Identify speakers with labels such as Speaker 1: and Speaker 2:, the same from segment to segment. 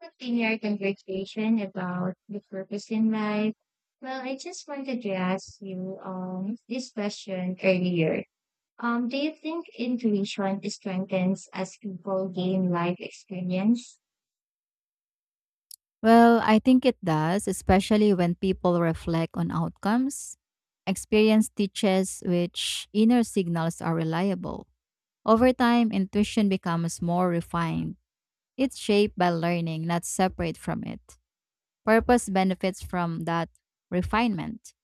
Speaker 1: Continued conversation about the purpose in life. I just wanted to ask you this question earlier. Do you think intuition strengthens as people gain life experience?
Speaker 2: Well, I think it does, especially when people reflect on outcomes. Experience teaches which inner signals are reliable. Over time, intuition becomes more refined. It's shaped by learning, not separate from it. Purpose benefits from that refinement.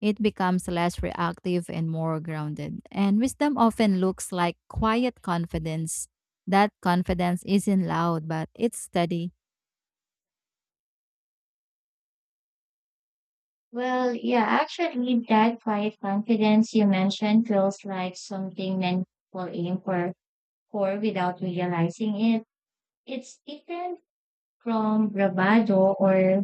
Speaker 2: It becomes less reactive and more grounded. And wisdom often looks like quiet confidence. That confidence isn't loud, but it's steady.
Speaker 1: That quiet confidence you mentioned feels like something many people aim for, without realizing it. It's different from bravado or...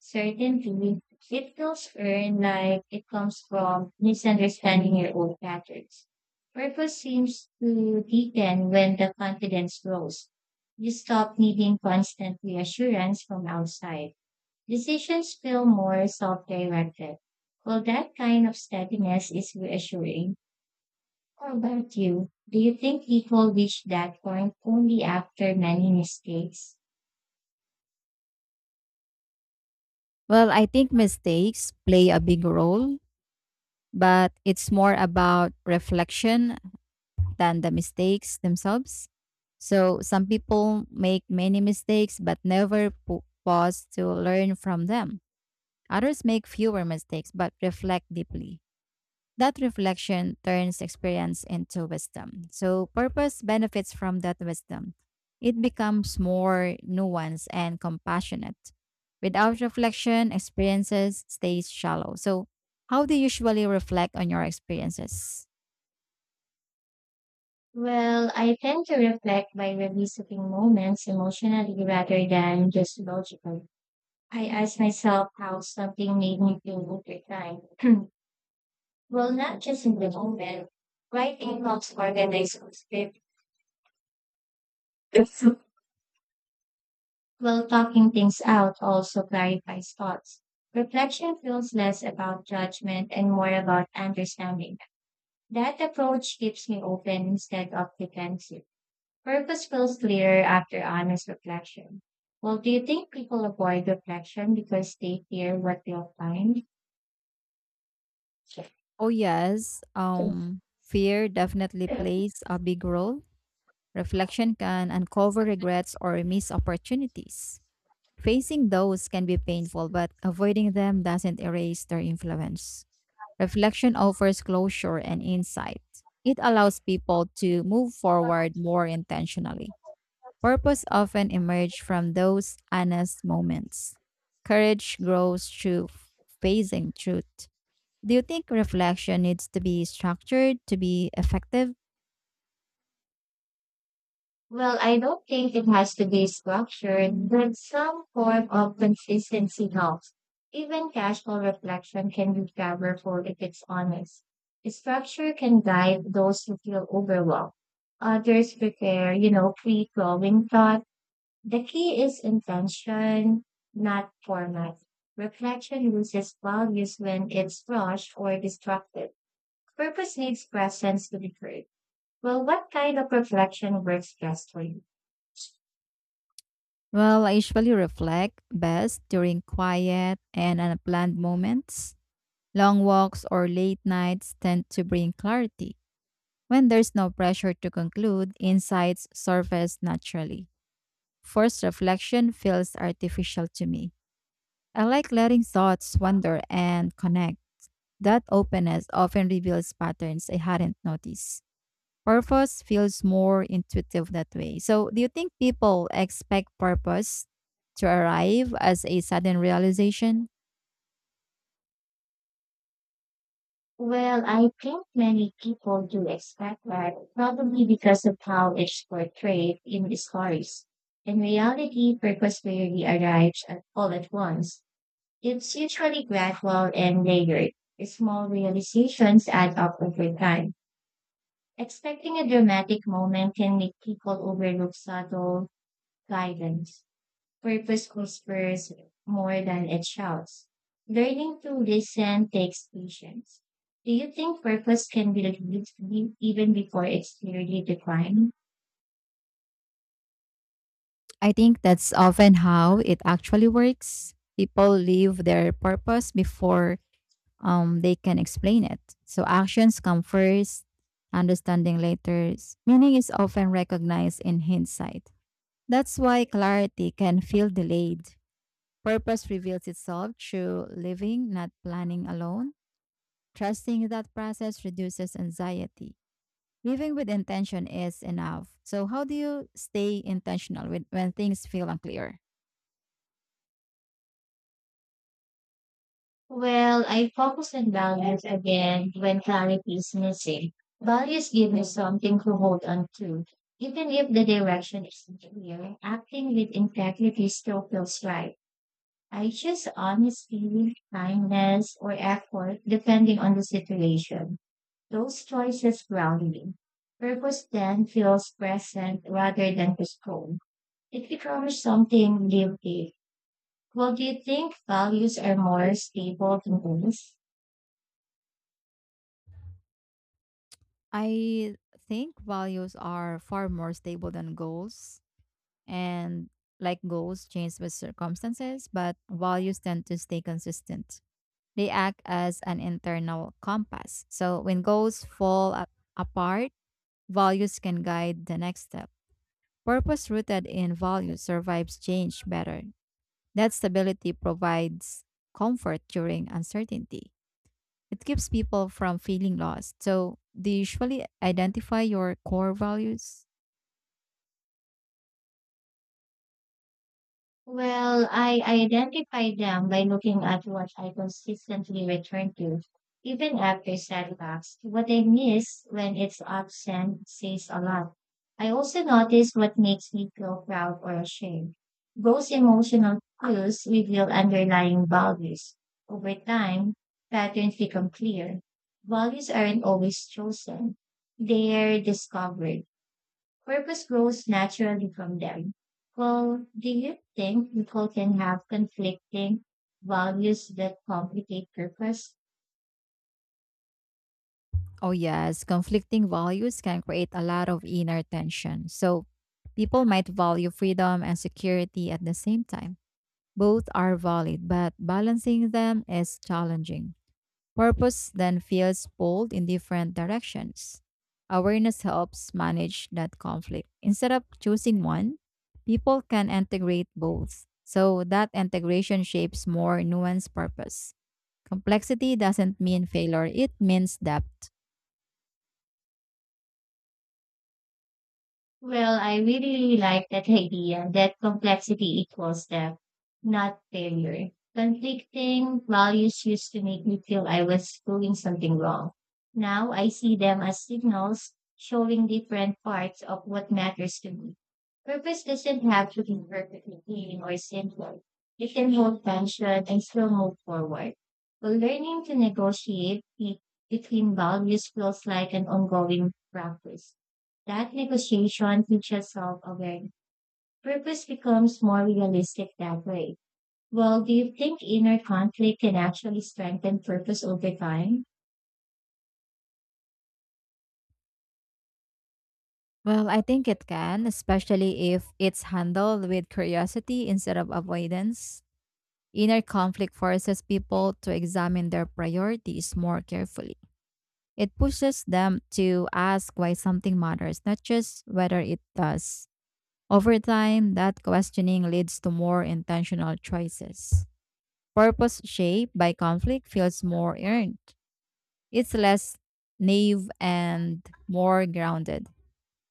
Speaker 1: Certainly, it feels earned, like it comes from misunderstanding your own patterns. Purpose seems to deepen when the confidence grows. You stop needing constant reassurance from outside. Decisions feel more self-directed. That kind of steadiness is reassuring. How about you? Do you think people reach that point only after many mistakes?
Speaker 2: Well, I think mistakes play a big role, but it's more about reflection than the mistakes themselves. So some people make many mistakes but never pause to learn from them. Others make fewer mistakes but reflect deeply. That reflection turns experience into wisdom. So, purpose benefits from that wisdom. It becomes more nuanced and compassionate. Without reflection, experiences stays shallow. So, how do you usually reflect on your experiences?
Speaker 1: I tend to reflect by revisiting moments emotionally rather than just logically. I ask myself how something made me feel over time. Not just in the moment. Writing helps organize a script, while talking things out also clarifies thoughts. Reflection feels less about judgment and more about understanding. That approach keeps me open instead of defensive. Purpose feels clearer after honest reflection. Do you think people avoid reflection because they fear what they'll find?
Speaker 2: Oh yes, fear definitely plays a big role. Reflection can uncover regrets or missed opportunities. Facing those can be painful, but avoiding them doesn't erase their influence. Reflection offers closure and insight. It allows people to move forward more intentionally. Purpose often emerges from those honest moments. Courage grows through facing truth. Do you think reflection needs to be structured to be effective?
Speaker 1: I don't think it has to be structured, but some form of consistency helps. Even casual reflection can be powerful if it's honest. Structure can guide those who feel overwhelmed. Others prepare, free flowing thoughts. The key is intention, not format. Reflection loses values when it's rushed or distracted. Purpose needs presence to be heard. What kind of reflection works best for you?
Speaker 2: Well, I usually reflect best during quiet and unplanned moments. Long walks or late nights tend to bring clarity. When there's no pressure to conclude, insights surface naturally. Forced reflection feels artificial to me. I like letting thoughts wander and connect. That openness often reveals patterns I hadn't noticed. Purpose feels more intuitive that way. So, do you think people expect purpose to arrive as a sudden realization?
Speaker 1: I think many people do expect that, probably because of how it's portrayed in the stories. In reality, purpose rarely arrives at all at once. It's usually gradual and layered. Small realizations add up over time. Expecting a dramatic moment can make people overlook subtle guidance. Purpose whispers more than it shouts. Learning to listen takes patience. Do you think purpose can be revealed even before it's clearly defined?
Speaker 2: I think that's often how it actually works. People leave their purpose before they can explain it. So actions come first, understanding later. Meaning is often recognized in hindsight. That's why clarity can feel delayed. Purpose reveals itself through living, not planning alone. Trusting that process reduces anxiety. Living with intention is enough. So, how do you stay intentional when things feel unclear?
Speaker 1: I focus on values again when clarity is missing. Values give me something to hold on to. Even if the direction isn't clear, acting with integrity still feels right. I choose honesty, kindness, or effort depending on the situation. Those choices ground me. Purpose then feels present rather than postponed. It becomes something lived in. Do you think values are more stable than goals?
Speaker 2: I think values are far more stable than goals, and like goals change with circumstances, but values tend to stay consistent. They act as an internal compass. So when goals apart, values can guide the next step. Purpose rooted in values survives change better. That stability provides comfort during uncertainty. It keeps people from feeling lost. So, do you usually identify your core values?
Speaker 1: I identify them by looking at what I consistently return to, even after setbacks. What I miss when it's absent says a lot. I also notice what makes me feel proud or ashamed. Those emotional cues reveal underlying values. Over time, patterns become clear. Values aren't always chosen. They're discovered. Purpose grows naturally from them. Do you think people can have conflicting values that complicate purpose?
Speaker 2: Oh, yes. Conflicting values can create a lot of inner tension. So, people might value freedom and security at the same time. Both are valid, but balancing them is challenging. Purpose then feels pulled in different directions. Awareness helps manage that conflict. Instead of choosing one, people can integrate both. So, that integration shapes more nuanced purpose. Complexity doesn't mean failure, it means depth.
Speaker 1: I really like that idea that complexity equals depth, not failure. Conflicting values used to make me feel I was doing something wrong. Now I see them as signals showing different parts of what matters to me. Purpose doesn't have to be perfectly clean or simple. It can hold tension and still move forward. But learning to negotiate between values feels like an ongoing practice. That negotiation teaches self awareness. Purpose becomes more realistic that way. Do you think inner conflict can actually strengthen purpose over time?
Speaker 2: Well, I think it can, especially if it's handled with curiosity instead of avoidance. Inner conflict forces people to examine their priorities more carefully. It pushes them to ask why something matters, not just whether it does. Over time, that questioning leads to more intentional choices. Purpose shaped by conflict feels more earned. It's less naive and more grounded.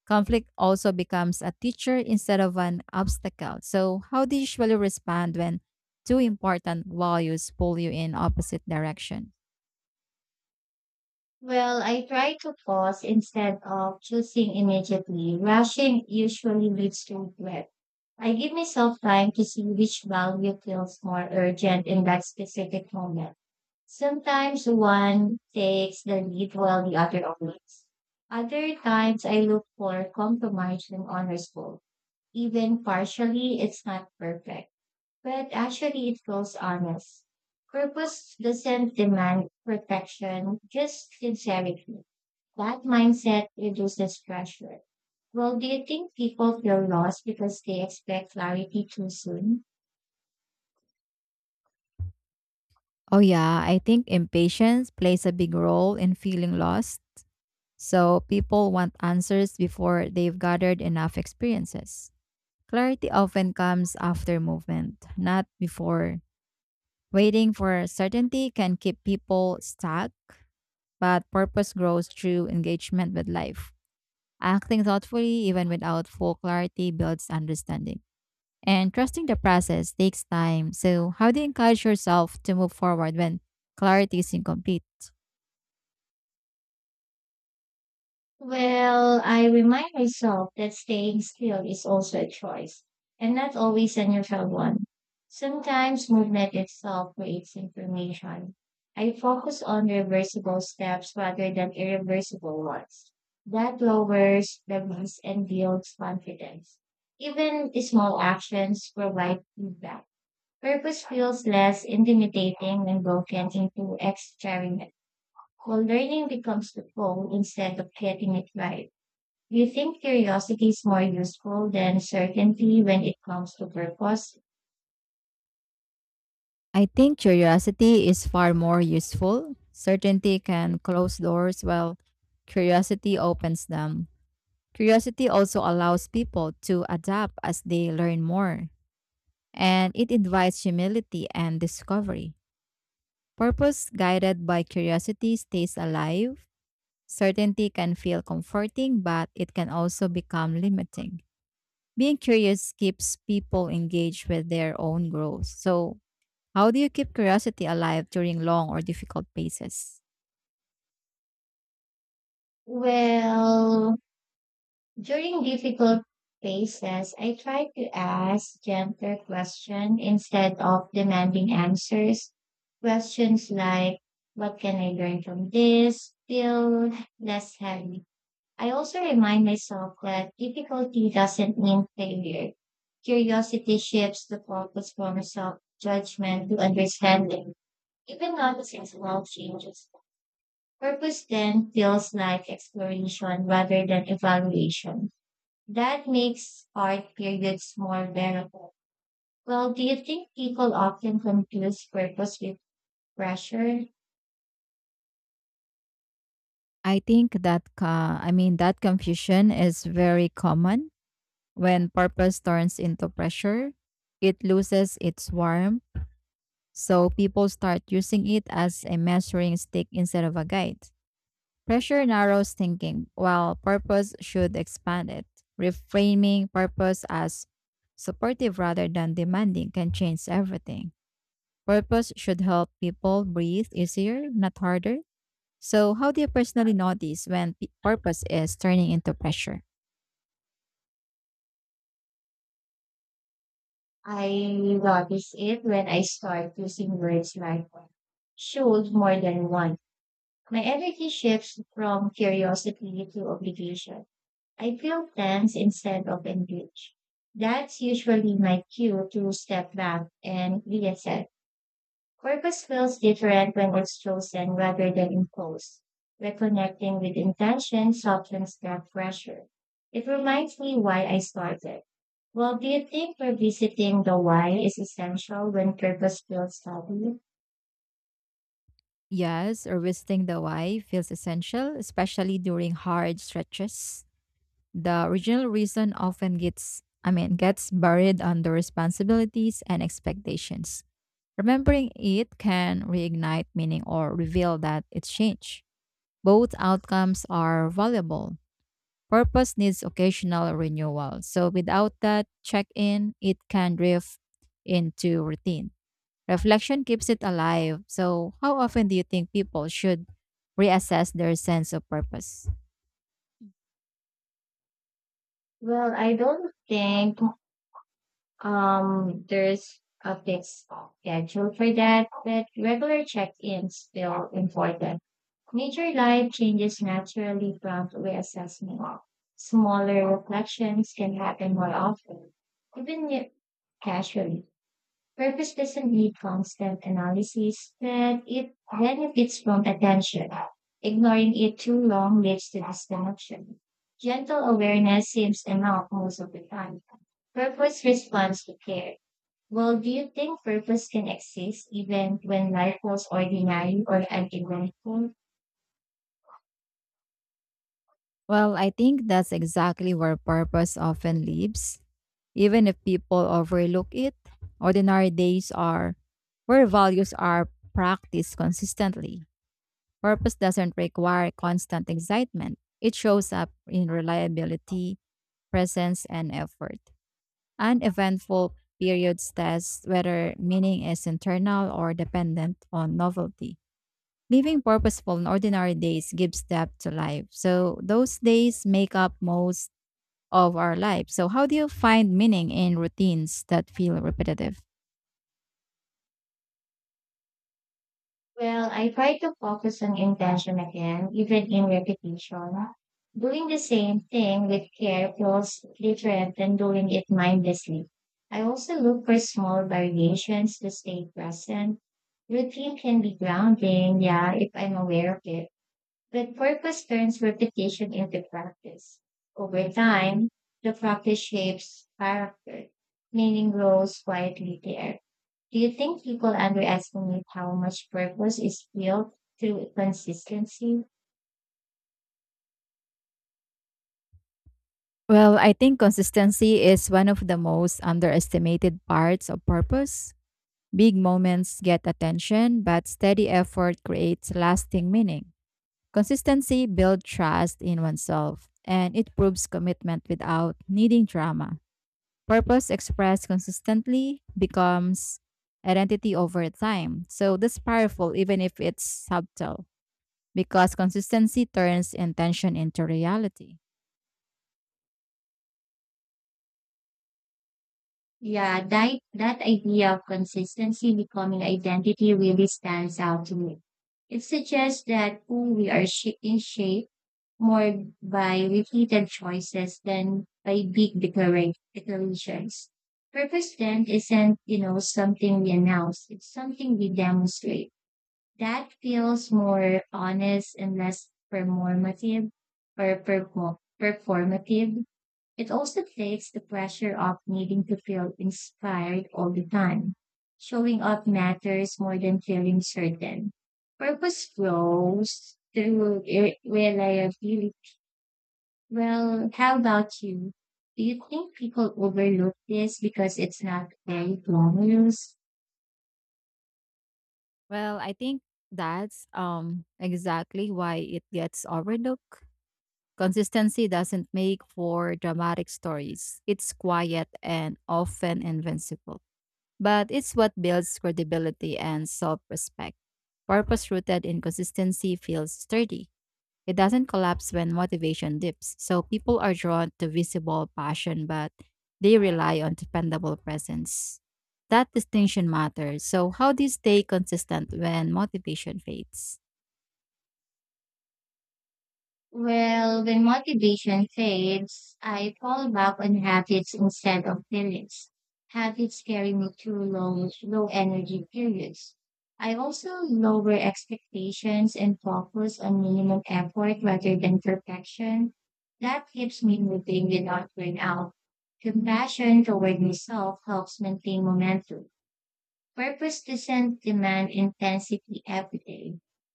Speaker 2: Conflict also becomes a teacher instead of an obstacle. So, how do you usually respond when two important values pull you in opposite directions?
Speaker 1: I try to pause instead of choosing immediately. Rushing usually leads to regret. I give myself time to see which value feels more urgent in that specific moment. Sometimes one takes the lead while the other obeys. Other times I look for compromise when honorable. Even partially, it's not perfect, but actually it feels honest. Purpose doesn't demand perfection, just sincerity. That mindset reduces pressure. Do you think people feel lost because they expect clarity too soon?
Speaker 2: Oh, yeah, I think impatience plays a big role in feeling lost. So, people want answers before they've gathered enough experiences. Clarity often comes after movement, not before. Waiting for certainty can keep people stuck, but purpose grows through engagement with life. Acting thoughtfully, even without full clarity, builds understanding. And trusting the process takes time. So, how do you encourage yourself to move forward when clarity is incomplete?
Speaker 1: I remind myself that staying still is also a choice, and not always a neutral one. Sometimes movement itself creates information. I focus on reversible steps rather than irreversible ones. That lowers the risk and builds confidence. Even small actions provide feedback. Purpose feels less intimidating when broken into experiment, where learning becomes the goal instead of getting it right. Do you think curiosity is more useful than certainty when it comes to purpose?
Speaker 2: I think curiosity is far more useful. Certainty can close doors, while curiosity opens them. Curiosity also allows people to adapt as they learn more, and it invites humility and discovery. Purpose guided by curiosity stays alive. Certainty can feel comforting, but it can also become limiting. Being curious keeps people engaged with their own growth. So, how do you keep curiosity alive during long or difficult phases?
Speaker 1: Well, during difficult phases, I try to ask gentler questions instead of demanding answers. Questions like, what can I learn from this? Feel less heavy. I also remind myself that difficulty doesn't mean failure. Curiosity shifts the focus from self judgment to understanding. Even noticing small changes. Purpose then feels like exploration rather than evaluation. That makes art periods more bearable. Do you think people often confuse purpose with pressure?
Speaker 2: I think that I mean that confusion is very common when purpose turns into pressure. It loses its warmth, so people start using it as a measuring stick instead of a guide. Pressure narrows thinking, while purpose should expand it. Reframing purpose as supportive rather than demanding can change everything. Purpose should help people breathe easier, not harder. So, how do you personally notice when purpose is turning into pressure?
Speaker 1: I notice it when I start using words like should more than "want." My energy shifts from curiosity to obligation. I feel tense instead of engaged. That's usually my cue to step back and reset. Purpose feels different when it's chosen rather than imposed. Reconnecting with intention softens that pressure. It reminds me why I started. Do you think revisiting the why is essential when purpose feels heavy?
Speaker 2: Yes, revisiting the why feels essential, especially during hard stretches. The original reason often gets, I mean, gets buried under responsibilities and expectations. Remembering it can reignite meaning or reveal that it's changed. Both outcomes are valuable. Purpose needs occasional renewal. So without that check in, it can drift into routine. Reflection keeps it alive. So, how often do you think people should reassess their sense of purpose?
Speaker 1: I don't think... there's a fixed schedule for that, but regular check-ins still important. Major life changes naturally prompt reassessment. Smaller reflections can happen more often, even if casually. Purpose doesn't need constant analysis, but it benefits from attention. Ignoring it too long leads to disconnection. Gentle awareness seems enough most of the time. Purpose responds to care. Do you think purpose can exist even when life was ordinary or uneventful?
Speaker 2: Well, I think that's exactly where purpose often lives. Even if people overlook it, ordinary days are where values are practiced consistently. Purpose doesn't require constant excitement. It shows up in reliability, presence, and effort. Uneventful periods test whether meaning is internal or dependent on novelty. Living purposeful in ordinary days gives depth to life. So those days make up most of our lives. So, how do you find meaning in routines that feel repetitive?
Speaker 1: I try to focus on intention again, even in repetition. Doing the same thing with care feels different than doing it mindlessly. I also look for small variations to stay present. Routine can be grounding, yeah, if I'm aware of it. But purpose turns repetition into practice. Over time, the practice shapes character, meaning grows quietly there. Do you think people underestimate how much purpose is built through consistency?
Speaker 2: Well, I think consistency is one of the most underestimated parts of purpose. Big moments get attention, but steady effort creates lasting meaning. Consistency builds trust in oneself, and it proves commitment without needing drama. Purpose expressed consistently becomes identity over time. So that's powerful, even if it's subtle, because consistency turns intention into reality.
Speaker 1: Yeah, that idea of consistency becoming identity really stands out to me. It suggests that who we are in shape more by repeated choices than by big declarations. Purpose then isn't, something we announce. It's something we demonstrate. That feels more honest and less performative or performative. It also takes the pressure off needing to feel inspired all the time. Showing up matters more than feeling certain. Purpose grows through reliability. How about you? Do you think people overlook this because it's not very glamorous?
Speaker 2: Well, I think that's exactly why it gets overlooked. Consistency doesn't make for dramatic stories. It's quiet and often invincible. But it's what builds credibility and self-respect. Purpose rooted in consistency feels sturdy. It doesn't collapse when motivation dips. So people are drawn to visible passion, but they rely on dependable presence. That distinction matters. So, how do you stay consistent when motivation fades?
Speaker 1: When motivation fades, I fall back on habits instead of feelings. Habits carry me through low energy periods. I also lower expectations and focus on minimum effort rather than perfection. That keeps me moving without burnout. Compassion toward myself helps maintain momentum. Purpose doesn't demand intensity every day.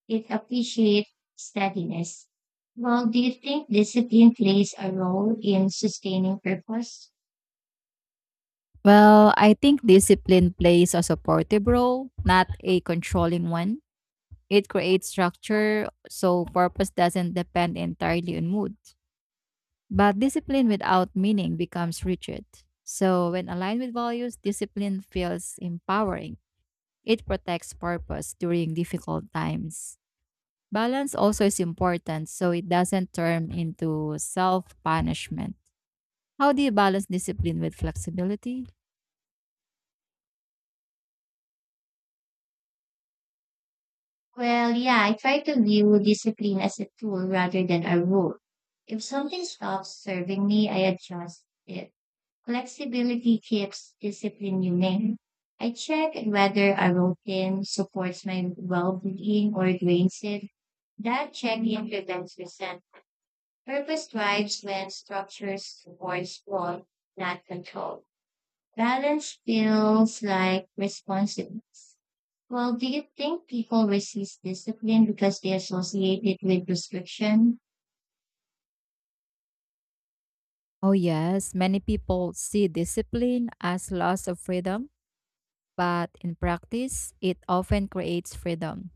Speaker 1: It appreciates steadiness. Do you think discipline plays a role in sustaining purpose?
Speaker 2: Well, I think discipline plays a supportive role, not a controlling one. It creates structure, so purpose doesn't depend entirely on mood. But discipline without meaning becomes rigid. So, when aligned with values, discipline feels empowering. It protects purpose during difficult times. Balance also is important so it doesn't turn into self punishment. How do you balance discipline with flexibility?
Speaker 1: I try to view discipline as a tool rather than a rule. If something stops serving me, I adjust it. Flexibility keeps discipline humane. I check whether a routine supports my well-being or drains it. That check-in prevents resentment. Purpose drives when structures support flow, not control. Balance feels like responsiveness. Do you think people resist discipline because they associate it with restriction?
Speaker 2: Oh, yes, many people see discipline as loss of freedom, but in practice, it often creates freedom.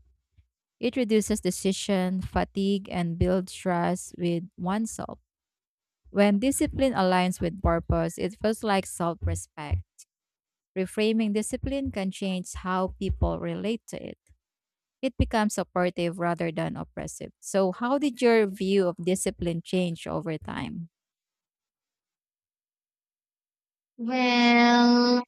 Speaker 2: It reduces decision fatigue and builds trust with oneself. When discipline aligns with purpose, it feels like self respect. Reframing discipline can change how people relate to it. It becomes supportive rather than oppressive. So, how did your view of discipline change over time?
Speaker 1: Well,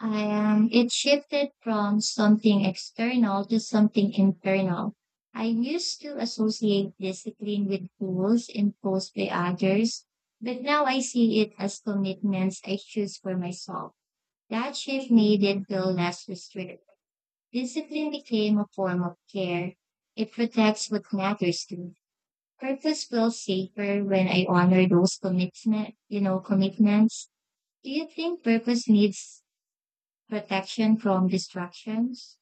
Speaker 1: I am. It shifted from something external to something internal. I used to associate discipline with rules imposed by others, but now I see it as commitments I choose for myself. That shift needed feel less restrictive. Discipline became a form of care. It protects what matters to me. Purpose feels safer when I honor those commitments. Do you think purpose needs protection from distractions?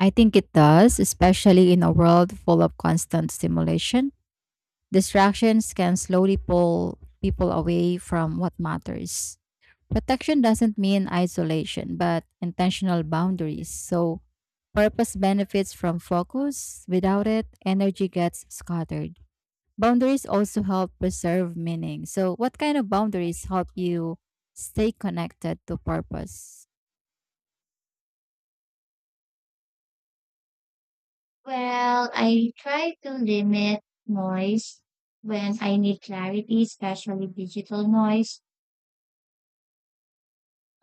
Speaker 2: I think it does, especially in a world full of constant stimulation. Distractions can slowly pull people away from what matters. Protection doesn't mean isolation, but intentional boundaries. So, purpose benefits from focus. Without it, energy gets scattered. Boundaries also help preserve meaning. So, what kind of boundaries help you stay connected to purpose?
Speaker 1: I try to limit noise when I need clarity, especially digital noise.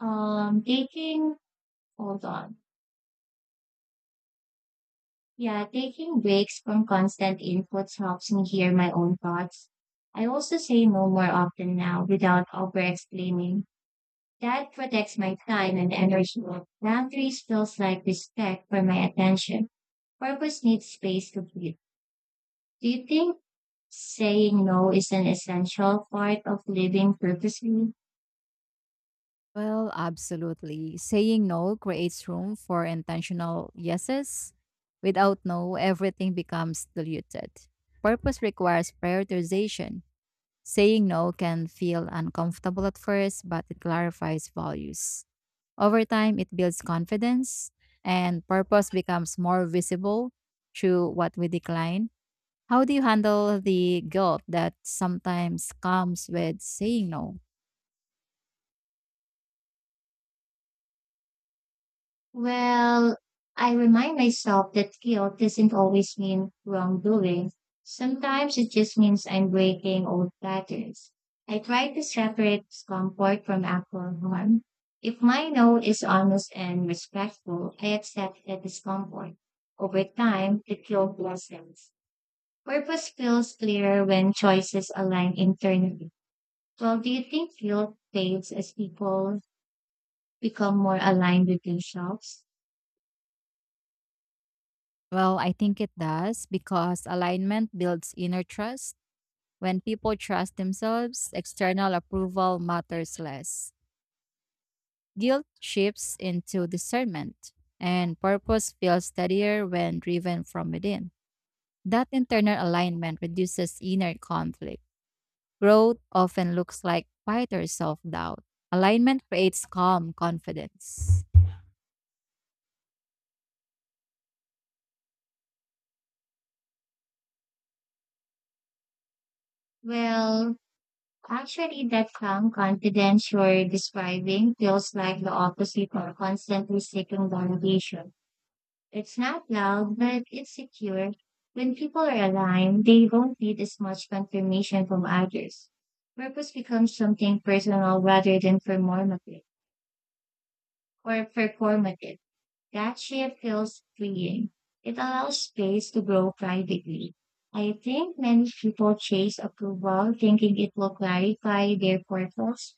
Speaker 1: Taking, hold on. Yeah, taking breaks from constant inputs helps me hear my own thoughts. I also say no more often now without over explaining. That protects my time and energy. Boundaries feels like respect for my attention. Purpose needs space to breathe. Do you think saying no is an essential part of living purposefully?
Speaker 2: Well, absolutely. Saying no creates room for intentional yeses. Without no, everything becomes diluted. Purpose requires prioritization. Saying no can feel uncomfortable at first, but it clarifies values. Over time, it builds confidence, and purpose becomes more visible through what we decline. How do you handle the guilt that sometimes comes with saying no?
Speaker 1: Well, I remind myself that guilt doesn't always mean wrongdoing. Sometimes it just means I'm breaking old patterns. I try to separate discomfort from actual harm. If my no is honest and respectful, I accept the discomfort. Over time, the guilt lessens. Purpose feels clearer when choices align internally. Do you think guilt fades as people become more aligned with themselves?
Speaker 2: Well, I think it does because alignment builds inner trust. When people trust themselves, external approval matters less. Guilt shifts into discernment, and purpose feels steadier when driven from within. That internal alignment reduces inner conflict. Growth often looks like quieter self doubt. Alignment creates calm confidence.
Speaker 1: Well, Actually, that calm confidence you're describing feels like the opposite of constantly seeking validation. It's not loud, but it's secure. When people are aligned, they don't need as much confirmation from others. Purpose becomes something personal rather than performative. That shift feels freeing. It allows space to grow privately. I think many people chase approval thinking it will clarify their purpose.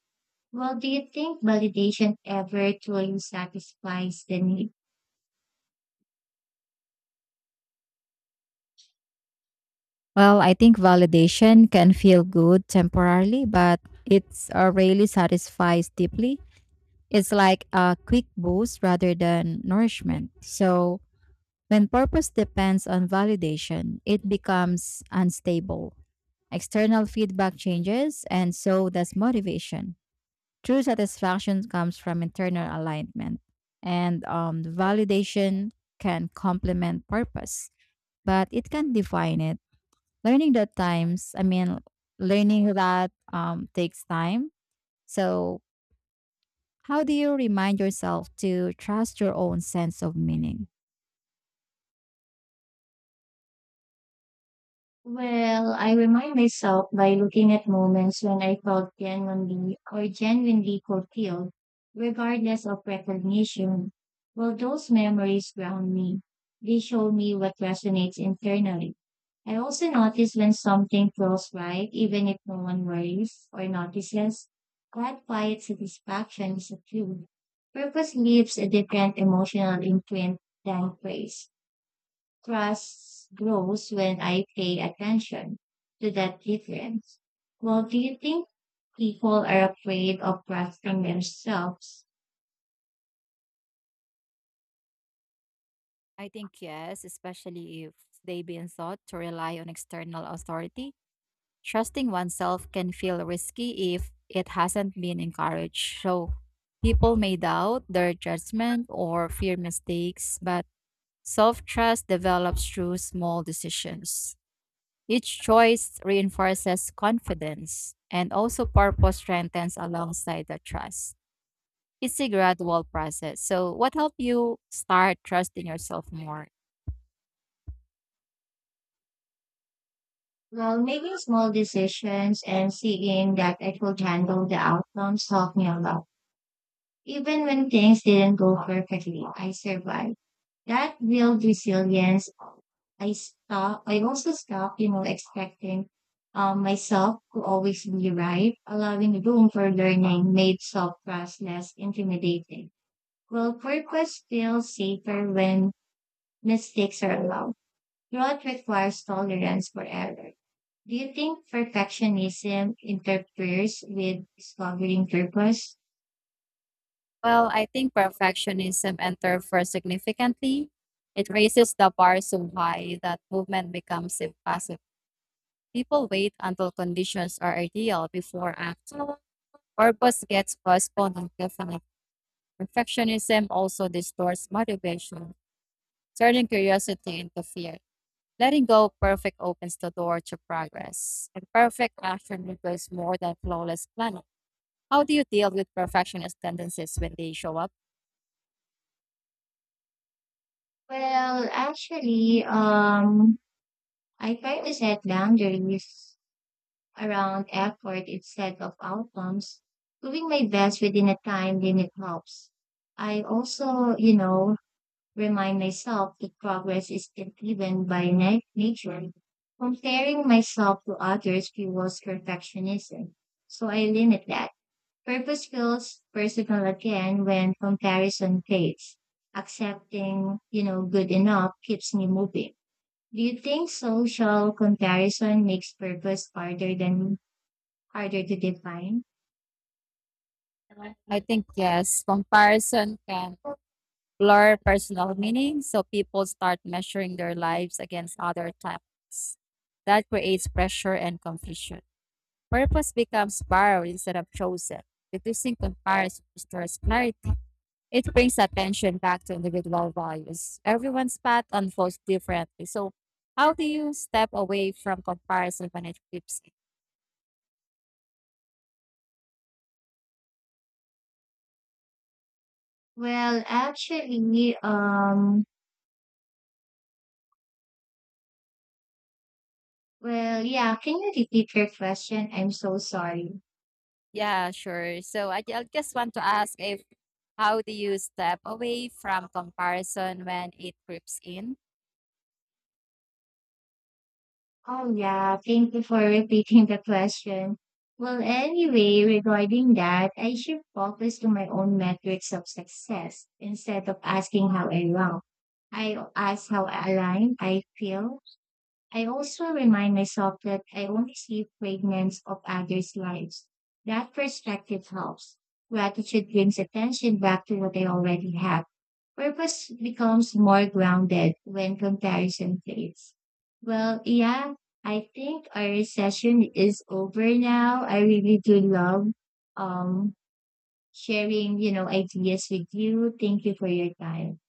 Speaker 1: Do you think validation ever truly satisfies the need?
Speaker 2: Well, I think validation can feel good temporarily, but it's really satisfies deeply. It's like a quick boost rather than nourishment. So, when purpose depends on validation, it becomes unstable. External feedback changes, and so does motivation. True satisfaction comes from internal alignment, and validation can complement purpose, but it can define it. learning that times i mean Learning that takes time. So how do you remind yourself to trust your own sense of meaning?
Speaker 1: I remind myself by looking at moments when I felt genuinely fulfilled, regardless of recognition. Those memories ground me. They show me what resonates internally. I also notice when something feels right, even if no one worries or notices. That quiet satisfaction is a clue. Purpose leaves a different emotional imprint than praise. Trust grows when I pay attention to that difference. Do you think people are afraid of trusting themselves?
Speaker 2: I think yes, especially if they've been thought to rely on external authority. Trusting oneself can feel risky if it hasn't been encouraged. So people may doubt their judgment or fear mistakes, but self trust develops through small decisions. Each choice reinforces confidence, and also purpose strengthens alongside the trust. It's a gradual process. So, what helped you start trusting yourself more?
Speaker 1: Making small decisions and seeing that I could handle the outcomes help me a lot. Even when things didn't go perfectly, I survived. That built resilience. I also stopped, expecting myself to always be right. Allowing room for learning made self-trust less intimidating. Purpose feels safer when mistakes are allowed. Growth requires tolerance for error. Do you think perfectionism interferes with discovering purpose?
Speaker 2: Well, I think perfectionism entered first significantly. It raises the bar so high that movement becomes impossible. People wait until conditions are ideal before acting. Purpose gets postponed indefinitely. Perfectionism also distorts motivation, turning curiosity into fear. Letting go of perfect opens the door to progress, and perfect action requires more than flawless planning. How do you deal with perfectionist tendencies when they show up?
Speaker 1: Well, actually, um, I try to set boundaries around effort instead of outcomes. Doing my best within a time limit helps. I also, remind myself that progress is driven by nature. Comparing myself to others fuels perfectionism. So I limit that. Purpose feels personal again when comparison fades. Accepting, good enough keeps me moving. Do you think social comparison makes purpose harder to define?
Speaker 2: I think yes, comparison can blur personal meaning, so people start measuring their lives against other timelines. That creates pressure and confusion. Purpose becomes borrowed instead of chosen. Reducing comparison restores clarity. It brings attention back to individual values. Everyone's path unfolds differently. So, how do you step away from comparison when it keeps?
Speaker 1: Well, actually, um, can you repeat your question? I'm so sorry.
Speaker 2: Yeah, sure. So, I just want to ask if how do you step away from comparison when it creeps in?
Speaker 1: Oh, yeah, thank you for repeating the question. Regarding that, I should focus to my own metrics of success instead of asking how I rank. I ask how aligned I feel. I also remind myself that I only see fragments of others' lives. That perspective helps. Gratitude brings attention back to what I already have. Purpose becomes more grounded when comparison fades. Well, yeah, I think our session is over now. I really do love um, sharing, ideas with you. Thank you for your time.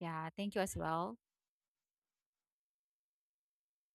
Speaker 2: Yeah, thank you as well.